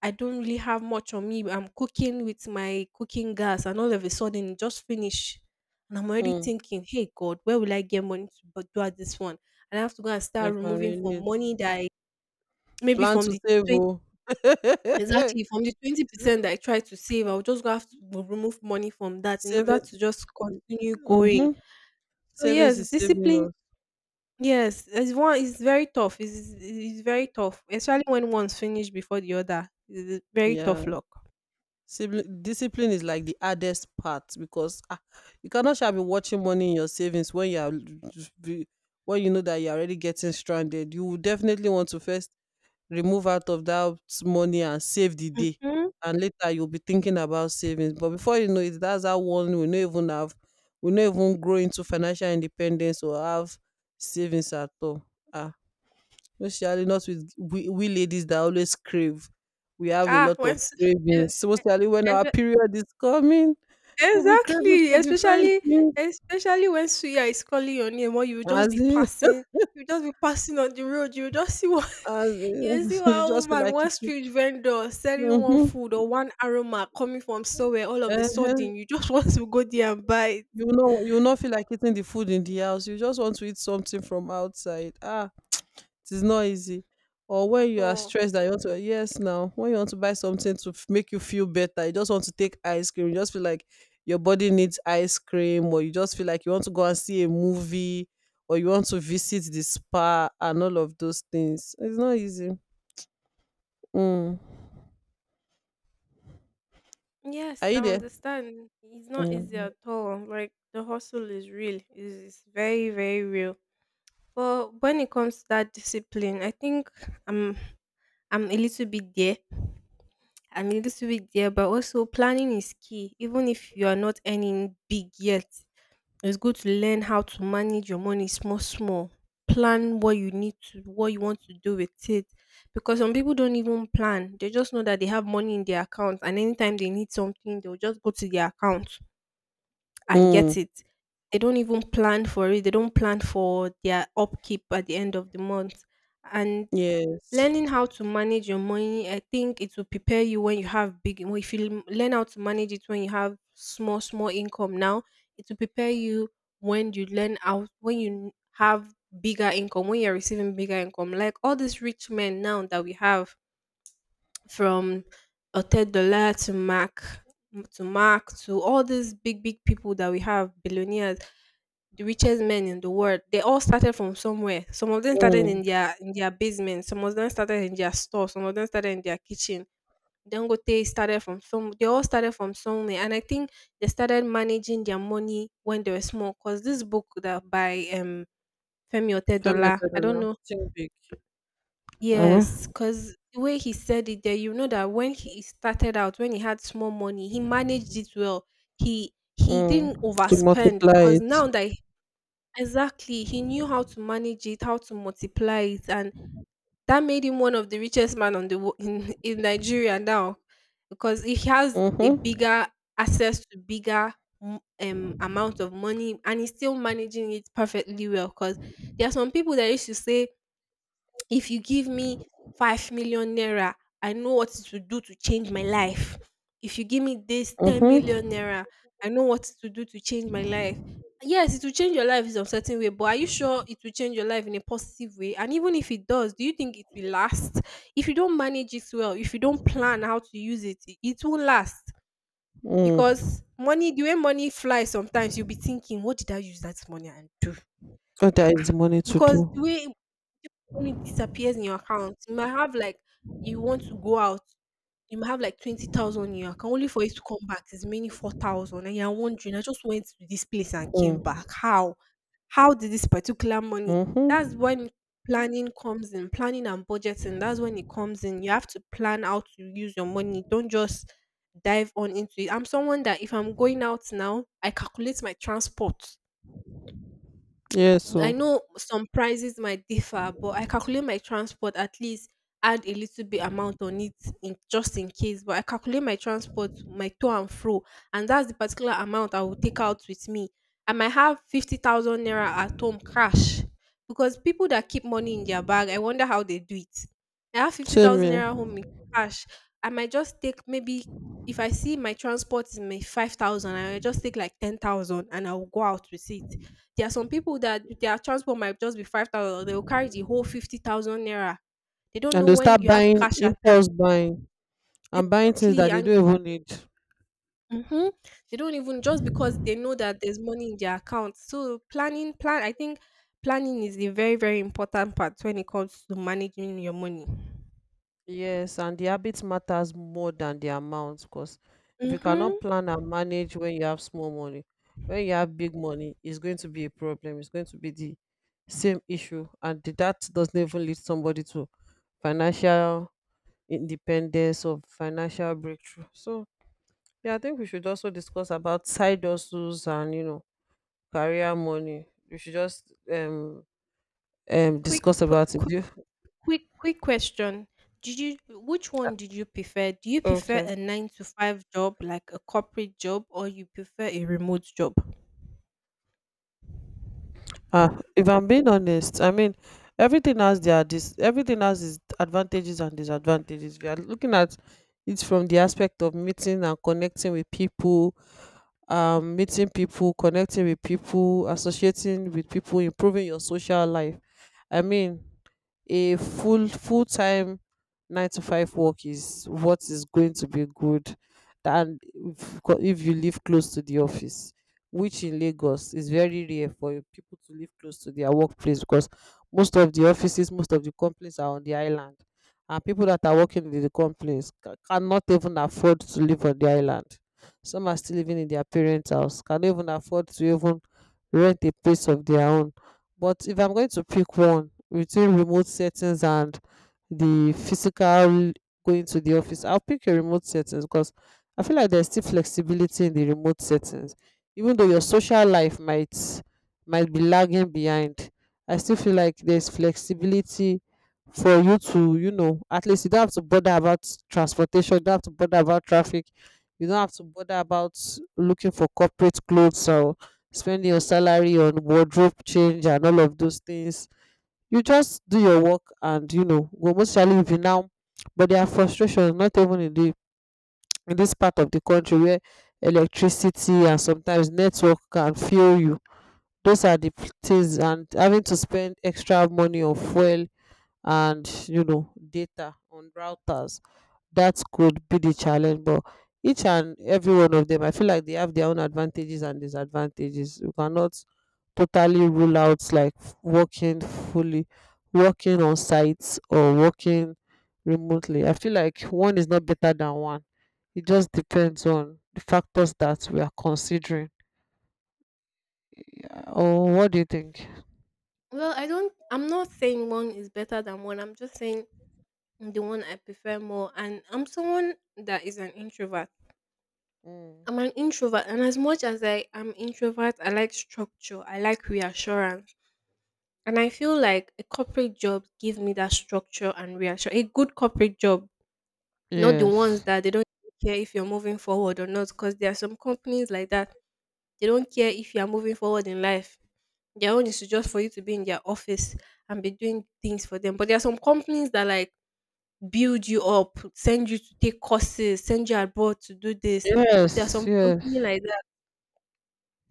Speaker 2: I don't really have much on me. I'm cooking with my cooking gas, and all of a sudden it just finish, and I'm already
Speaker 1: mm,
Speaker 2: thinking, hey god, where will I get money to bu- do at this one? And I have to go and
Speaker 1: I
Speaker 2: start
Speaker 1: can
Speaker 2: removing from
Speaker 1: relate.
Speaker 2: money that I, maybe
Speaker 1: Plan
Speaker 2: from
Speaker 1: to
Speaker 2: the
Speaker 1: save
Speaker 2: twenty,
Speaker 1: oh.
Speaker 2: exactly, from the twenty percent that I try to save, I'll just go have to remove money from that in order
Speaker 1: Savings.
Speaker 2: to just continue going.
Speaker 1: Mm-hmm.
Speaker 2: So
Speaker 1: Savings
Speaker 2: yes,
Speaker 1: is saving
Speaker 2: discipline.
Speaker 1: us.
Speaker 2: Yes, it's one it's very tough. It's it's it's very tough, especially when one's finished before the other. It's very
Speaker 1: Yeah.
Speaker 2: tough luck.
Speaker 1: Sibli- discipline is like the hardest part, because ah, you cannot shall be watching money in your savings when you are be- when you know that you're already getting stranded. You will definitely want to first remove out of that money and save the day.
Speaker 2: Mhm.
Speaker 1: And later you'll be thinking about savings. But before you know it, that's how one will not even have will not even grow into financial independence or have savings at all. Ah, especially not with we, we ladies that always crave. We have a
Speaker 2: Ah,
Speaker 1: lot of
Speaker 2: once e
Speaker 1: cravings, mostly when our
Speaker 2: e
Speaker 1: period is coming. We'll be craving
Speaker 2: exactly,
Speaker 1: for different
Speaker 2: especially
Speaker 1: things.
Speaker 2: especially when suya is calling your name, or you will just be
Speaker 1: As in,
Speaker 2: passing, you just be passing on the road, you'll just see one
Speaker 1: as
Speaker 2: you'll
Speaker 1: in,
Speaker 2: see
Speaker 1: you
Speaker 2: one
Speaker 1: just feel
Speaker 2: woman,
Speaker 1: like
Speaker 2: one
Speaker 1: eating.
Speaker 2: street vendor selling one
Speaker 1: Mm-hmm.
Speaker 2: food or one aroma coming from somewhere, all of a
Speaker 1: Uh-huh.
Speaker 2: sudden, you just want to go there and buy it
Speaker 1: You know, you will not feel like eating the food in the house. You just want to eat something from outside. Ah, it is not easy. Or
Speaker 2: at
Speaker 1: when you are
Speaker 2: all.
Speaker 1: stressed that you want to, yes, now when you want to buy something to f- make you feel better, you just want to take ice cream. You just feel like your body needs ice cream, or you just feel like you want to go and see a movie, or you want to visit the spa, and all of those things. It's not easy. Mm.
Speaker 2: Yes,
Speaker 1: Are
Speaker 2: I
Speaker 1: you there?
Speaker 2: understand. It's not easy
Speaker 1: Mm.
Speaker 2: at all. Like the hustle is real. It's, it's very, very real. But when it comes to that discipline, I think I'm I'm a little bit there. I'm a little bit there, but also planning is key. Even if you are not earning big yet, it's good to learn how to manage your money small small. Plan what you need to, what you want to do with it. Because some people don't even plan. They just know that they have money in their account, and anytime they need something, they'll just go to their account and get
Speaker 1: Mm.
Speaker 2: it. They don't even plan for it. They don't plan for their upkeep at the end of the month. And
Speaker 1: Yes.
Speaker 2: learning how to manage your money, I think it will prepare you when you have big. Well, if you l- learn how to manage it when you have small, small income now, it will prepare you when you learn how, when you have bigger income, when you're receiving bigger income. Like all these rich men now that we have, from Oted Dollar to Mac to Mark, to all these big big people that we have, billionaires, the richest men in the world. They all started from somewhere. Some of them started
Speaker 1: Mm.
Speaker 2: in their in their basement. Some of them started in their store. Some of them started in their kitchen. Dangote started from some. They all started from somewhere, and I think they started managing their money when they were small. Cause this book that by um Femi
Speaker 1: Family
Speaker 2: Otedola, I don't
Speaker 1: now.
Speaker 2: know.
Speaker 1: Think big. Alright.
Speaker 2: Yes, because the way he said it there, you know that when he started out, when he had small money, he managed it well. He he didn't
Speaker 1: Mm. To
Speaker 2: overspend
Speaker 1: multiply
Speaker 2: because
Speaker 1: it.
Speaker 2: now that he- exactly, he knew how to manage it, how to multiply it, and that made him one of the richest man on the wo- in in Nigeria now because he has a
Speaker 1: Mm-hmm.
Speaker 2: bigger access to bigger m- um amount of money, and he's still managing it perfectly well because there are some people that used to say, if you give me five million naira, I know what it will do to change my life. If you give me this ten million
Speaker 1: Mm-hmm.
Speaker 2: naira, I know what it will do to change my life. Yes, it will change your life in a certain way, but are you sure it will change your life in a positive way? And even if it does, do you think it will last? If you don't manage it well, if you don't plan how to use it, it it won't last.
Speaker 1: Mm.
Speaker 2: Because money, the way money flies sometimes, you'll be thinking, what did I use that money and do?
Speaker 1: Oh, there is the money to
Speaker 2: Because the
Speaker 1: do.
Speaker 2: way only disappears in your account. You might have like, you want to go out, you might have like twenty thousand in your account, only for it to come back is mainly four thousand. And you're wondering, I just went to this place and came
Speaker 1: Mm.
Speaker 2: back. How? How did this particular money?
Speaker 1: Mhm.
Speaker 2: That's when planning comes in, planning and budgeting. That's when it comes in. You have to plan how to use your money. Don't just dive on into it. I'm someone that if I'm going out now, I calculate my transport.
Speaker 1: Yes,
Speaker 2: I
Speaker 1: so
Speaker 2: know some prices might differ, but I calculate my transport, at least add a little bit amount on it in just in case. But I calculate my transport, my to and fro, and that's the particular amount I will take out with me. I might have fifty thousand naira at home cash, because people that keep money in their bag, I wonder how they do it. I have fifty
Speaker 1: same
Speaker 2: thousand naira
Speaker 1: here.
Speaker 2: home in cash. I might just take maybe, if I see my transport is my five thousand, I might just take like ten thousand and I'll go out with it. There are some people that their transport might just be five thousand, they will carry the whole fifty thousand naira. They don't
Speaker 1: And
Speaker 2: know
Speaker 1: they
Speaker 2: when
Speaker 1: start
Speaker 2: you have
Speaker 1: buying
Speaker 2: cash at hand.
Speaker 1: impulse buying and buying things
Speaker 2: Exactly.
Speaker 1: that they
Speaker 2: And
Speaker 1: don't even need.
Speaker 2: mhm, they don't even, just because they know that there's money in their account. So planning, plan, I think planning is a very, very important part when it comes to managing your money.
Speaker 1: Yes, and the habit matters more than the amount, because if you
Speaker 2: Mm-hmm.
Speaker 1: cannot plan and manage when you have small money, when you have big money, it's going to be a problem. It's going to be the same issue, and the- that doesn't even lead somebody to financial independence or financial breakthrough. So yeah, I think we should also discuss about side hustles and you know career money. We should just um um
Speaker 2: Quick,
Speaker 1: discuss
Speaker 2: qu-
Speaker 1: about it. Do
Speaker 2: quick,
Speaker 1: you-
Speaker 2: quick, quick question. Did you, which one did you prefer? Do you prefer
Speaker 1: Okay.
Speaker 2: a nine to five job, like a corporate job, or you prefer a remote job?
Speaker 1: Ah, if I'm being honest, I mean everything has their dis everything has its advantages and disadvantages. We are looking at it from the aspect of meeting and connecting with people, um, meeting people, connecting with people, associating with people, improving your social life. I mean a full full time nine to five work is what is going to be good. And if, co- if you live close to the office, which in Lagos is very rare for you- people to live close to their workplace, because most of the offices, most of the companies are on the island, and people that are working in the companies ca- cannot even afford to live on the island. Some are still living in their parents house, cannot even afford to even rent a place of their own. But if I'm going to pick one between remote settings and the physical going to the office, I'll pick a remote settings because I feel like there's still flexibility in the remote settings. Even though your social life might might be lagging behind, I still feel like there's flexibility for you to, you know, at least you don't have to bother about transportation, you don't have to bother about traffic, you don't have to bother about looking for corporate clothes or spending your salary on wardrobe change and all of those things. You just do your work and, you know, go most surely if you now. But there are frustrations, not even in the in this part of the country where electricity and sometimes network can fail you. Those are the p- things, and having to spend extra money on fuel and, you know, data on routers. That could be the challenge. But each and every one of them, I feel like they have their own advantages and disadvantages. You cannot totally rule out, like, f- working fully, working on sites, or working remotely. I feel like one is not better than one. It just depends on the factors that we are considering. Uh, oh what do you think?
Speaker 2: Well, I don't I'm not saying one is better than one. I'm just saying the one I prefer more, and I'm someone that is an introvert.
Speaker 1: Mm.
Speaker 2: I'm an introvert, and as much as I am introvert, I like structure. I like reassurance. And I feel like a corporate job gives me that structure and reassurance. A good corporate job, not the ones
Speaker 1: yes
Speaker 2: that they don't care if you're moving forward or not, because there are some companies like that. They don't care if you are moving forward in life. Their own is to just for you to be in their office and be doing things for them. But there are some companies that like build you up, send you to take courses, send you abroad to do this. There are
Speaker 1: yes,
Speaker 2: some company
Speaker 1: yes.
Speaker 2: like that.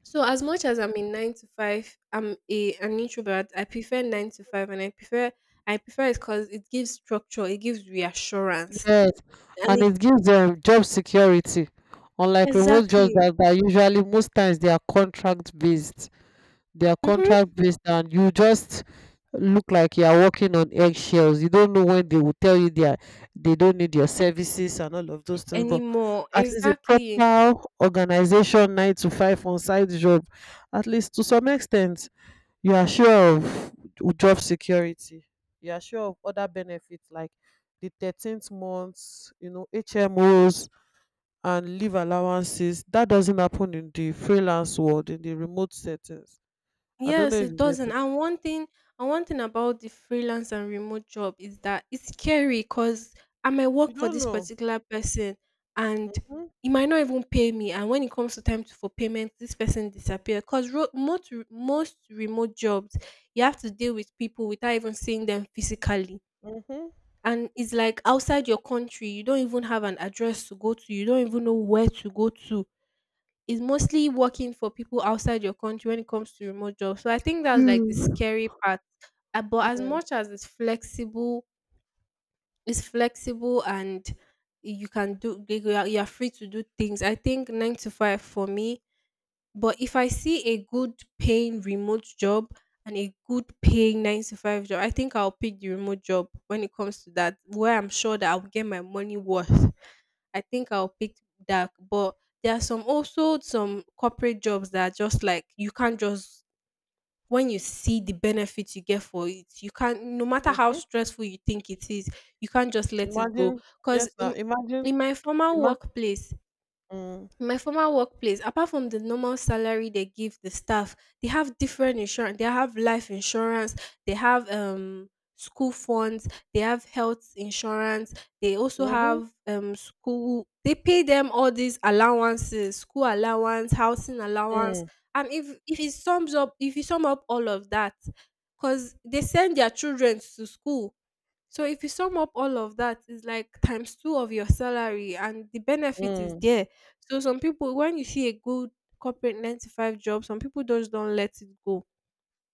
Speaker 2: So as much as I'm in nine to five, I'm a an introvert. I prefer nine to five, and I prefer, I prefer it because it gives structure, it gives reassurance,
Speaker 1: Yes,
Speaker 2: and
Speaker 1: and
Speaker 2: it
Speaker 1: it gives them job security. Unlike remote jobs
Speaker 2: exactly
Speaker 1: that are usually, most times, they are contract based. They are
Speaker 2: hmm
Speaker 1: contract based and you just look like you are walking on eggshells. You don't know when they will tell you they are, they don't need your services and all of those things. But
Speaker 2: anymore
Speaker 1: at least a
Speaker 2: exactly.
Speaker 1: proper organization nine to five on site job, at least to some extent you are sure of job security, you are sure of other benefits like the thirteenth months, you know, hmos and leave allowances, that doesn't happen in the freelance world, in the remote settings. I don't know
Speaker 2: Yes,
Speaker 1: if
Speaker 2: it
Speaker 1: you get
Speaker 2: doesn't.
Speaker 1: it.
Speaker 2: And one thing, and one thing about the freelance and remote job is that it's scary, because I might
Speaker 1: You
Speaker 2: work for
Speaker 1: don't
Speaker 2: this
Speaker 1: know.
Speaker 2: particular person and
Speaker 1: Mm-hmm,
Speaker 2: he might not even pay me. And when it comes to time to, for payment, this person disappear. Because ro- most, re- most remote jobs, you have to deal with people without even seeing them physically.
Speaker 1: mm-hmm.
Speaker 2: And it's like outside your country, you don't even have an address to go to. You don't even know where to go to is mostly working for people outside your country when it comes to remote jobs. So I think that's like the
Speaker 1: Mm.
Speaker 2: scary part. Uh, But as
Speaker 1: Yeah.
Speaker 2: much as it's flexible, it's flexible, and you can do like, you are, you are free to do things. I think nine to five for me. But if I see a good paying remote job and a good paying nine to five job, I think I'll pick the remote job when it comes to that, where I'm sure that I'll get my money worth. I think I'll pick that. But there are some, also some corporate jobs that are just like you can't just when you see the benefits you get for it, you can't, no matter how
Speaker 1: Mm-hmm.
Speaker 2: stressful you think it is, you can't just let it
Speaker 1: Imagine.
Speaker 2: go. Cause
Speaker 1: Yes, now
Speaker 2: in,
Speaker 1: imagine.
Speaker 2: in my former
Speaker 1: ima-
Speaker 2: workplace,
Speaker 1: mm,
Speaker 2: my former workplace, apart from the normal salary they give the staff, they have different insurance, they have life insurance, they have um school funds, they have health insurance, they also
Speaker 1: mm-hmm,
Speaker 2: have um school, they pay them all these allowances, school allowance, housing allowance,
Speaker 1: mm,
Speaker 2: and if if it sums up, if you sum up all of that, because they send their children to school, so if you sum up all of that, it's like times two of your salary, and the benefit is
Speaker 1: mm,
Speaker 2: there. So some people, when you see a good corporate nine to five job, some people just don't let it go.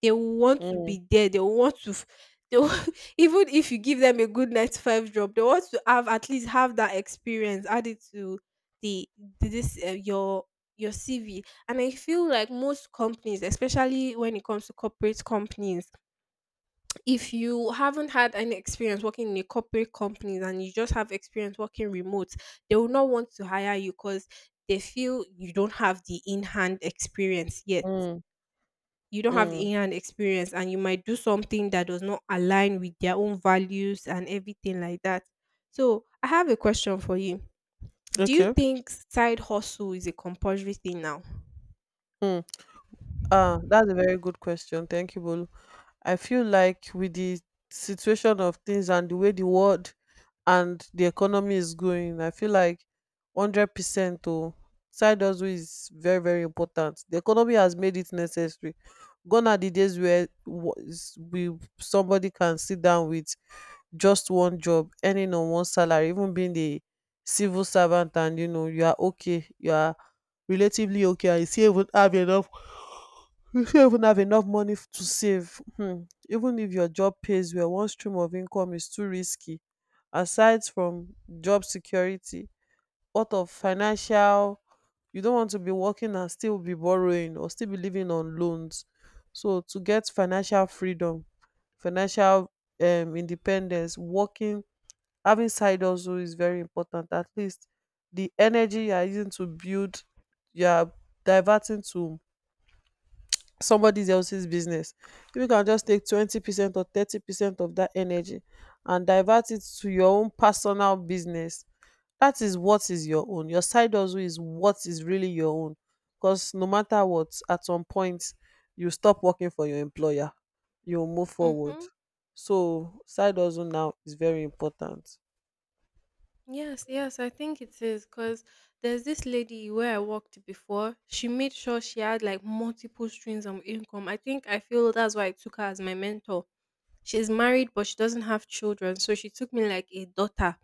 Speaker 2: They will want to
Speaker 1: mm,
Speaker 2: be there. They will want to. f- They will, even if you give them a good nine to five job, they want to have at least have that experience added to the the- this uh, your your C V. And I feel like most companies, especially when it comes to corporate companies, if you haven't had any experience working in a corporate company and you just have experience working remote, they will not want to hire you because they feel you don't have the in hand experience yet.
Speaker 1: mm,
Speaker 2: You don't have the
Speaker 1: mm.
Speaker 2: in hand experience, and you might do something that does not align with their own values and everything like that. So, I have a question for you. Do you
Speaker 1: Okay.
Speaker 2: think side hustle is a compulsory thing now?
Speaker 1: Mm. Ah, that's a very good question. Thank you, Bolu. I feel like with the situation of things and the way the world and the economy is going, I feel like one hundred percent to side hustle is very, very important. The economy has made it necessary. Gone are the days where wo- s- we, somebody can sit down with just one job, earning on one salary, even being the civil servant, and, you know, you are okay, you are relatively okay, and you still even have enough, you fit even have enough money f- to save. Um even if your job pays well, one stream of income is too risky. Aside from job security, what of financial, you don't want to be working and still be borrowing or still be living on loans. So to get financial freedom, financial um independence, working, having side hustle is very important. At least the energy you are using to build, you are diverting to somebody else's business. If you can just take twenty percent or thirty percent of that energy and divert it to your own personal business, that is what is your own. Your side hustle is what is really your own, because no matter what, at some point you stop working for your employer, you move forward.
Speaker 2: Mm-hmm.
Speaker 1: So side hustle now is very important.
Speaker 2: Yes, yes, I think it is, because there's this lady where I worked before. She made sure she had like multiple streams of income. I think I feel that's why I took her as my mentor. She's married, but she doesn't have children, so she took me like a daughter.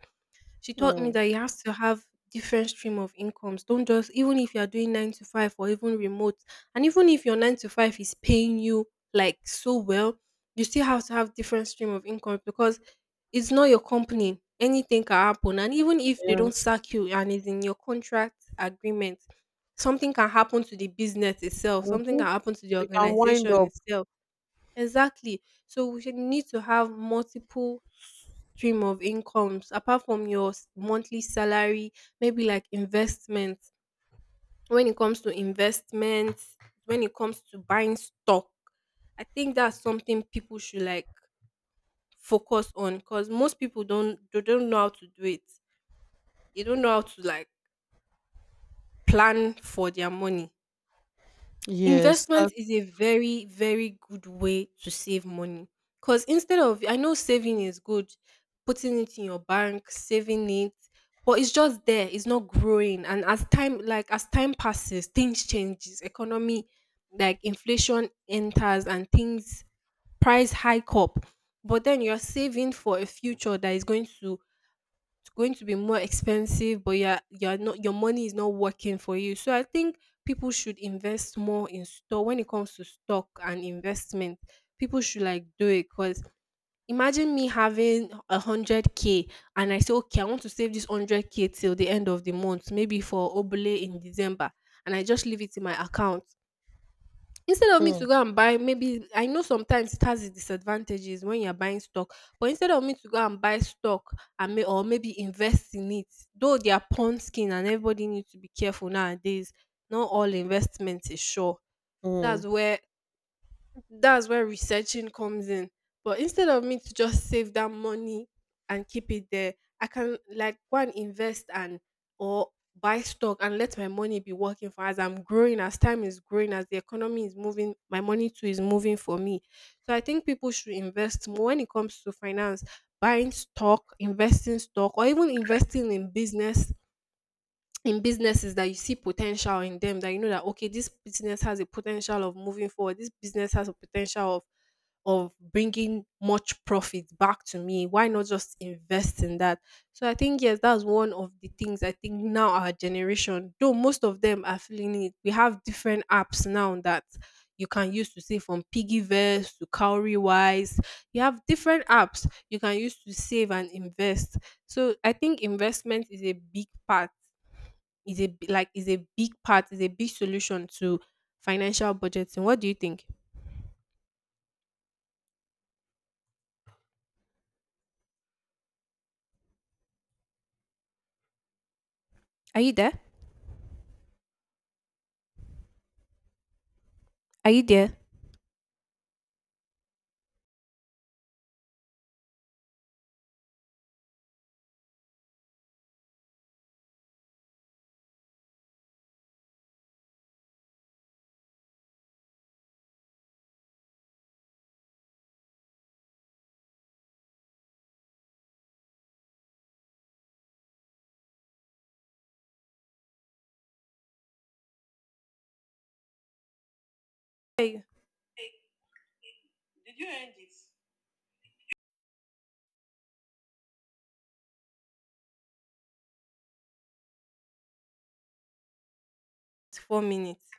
Speaker 2: She taught me
Speaker 1: Mm,
Speaker 2: that you have to have different stream of incomes. Don't just, even if you are doing nine to five or even remote, and even if your nine to five is paying you like so well, you still have to have different stream of income because it's not your company. Anything can happen. And even if they don't
Speaker 1: yes.
Speaker 2: sack you and it's in your contract agreement, something can happen to the business itself. Something
Speaker 1: Mhm.
Speaker 2: can happen to the
Speaker 1: You can wind
Speaker 2: organization
Speaker 1: up.
Speaker 2: itself. Exactly. So we should need to have multiple stream of incomes apart from your s- monthly salary, maybe like investments. When it comes to investments, when it comes to buying stock, I think that's something people should like focus on, because most people don't they don't know how to do it. They don't know how to like plan for their money.
Speaker 1: Yes, that.
Speaker 2: Investment is a very, very good way to save money. Because instead of, I know saving is good, putting it in your bank, saving it, but it's just there, it's not growing. And as time, like as time passes, things changes, economy, like inflation enters and things, price hike up, but then you're saving for a future that is going to, it's going to be more expensive, but yeah, you're not your money is not working for you. So I think people should invest more in stock when it comes to stock and investment. People should like do it because imagine me having a hundred k, and I say, okay, I want to save this hundred k till the end of the month, maybe for obele in december, and I just leave it in my account. Instead of me
Speaker 1: Mm,
Speaker 2: to go and buy, maybe, I know sometimes it has its disadvantages when you're buying stock, but instead of me to go and buy stock and may or maybe invest in it, though they are pawn skin and everybody needs to be careful nowadays. Not all investments, is sure. That's
Speaker 1: mm.
Speaker 2: where that's where researching comes in. But instead of me to just save that money and keep it there, I can like go and invest, and or buy stock and let my money be working for, as I'm growing, as time is growing, as the economy is moving, my money too is moving for me. So I think people should invest more when it comes to finance, buying stock, investing stock, or even investing in business, in businesses that you see potential in them, that you know that okay, this business has a potential of moving forward, this business has a potential of of bringing much profit back to me. Why not just invest in that? So I think yes, that's one of the things I think now our generation, though most of them are feeling it. We have different apps now that you can use to save, from Piggyverse to Cowrywise. You have different apps you can use to save and invest. So I think investment is a big part. Is a b- like is a big part. Is a big solution to financial budgeting. What do you think? Are you there? Are you there? Hey, four minutes.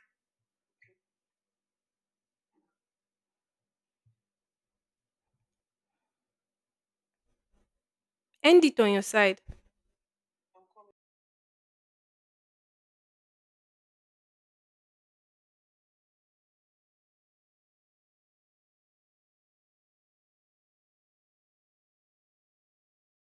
Speaker 2: End it on your side.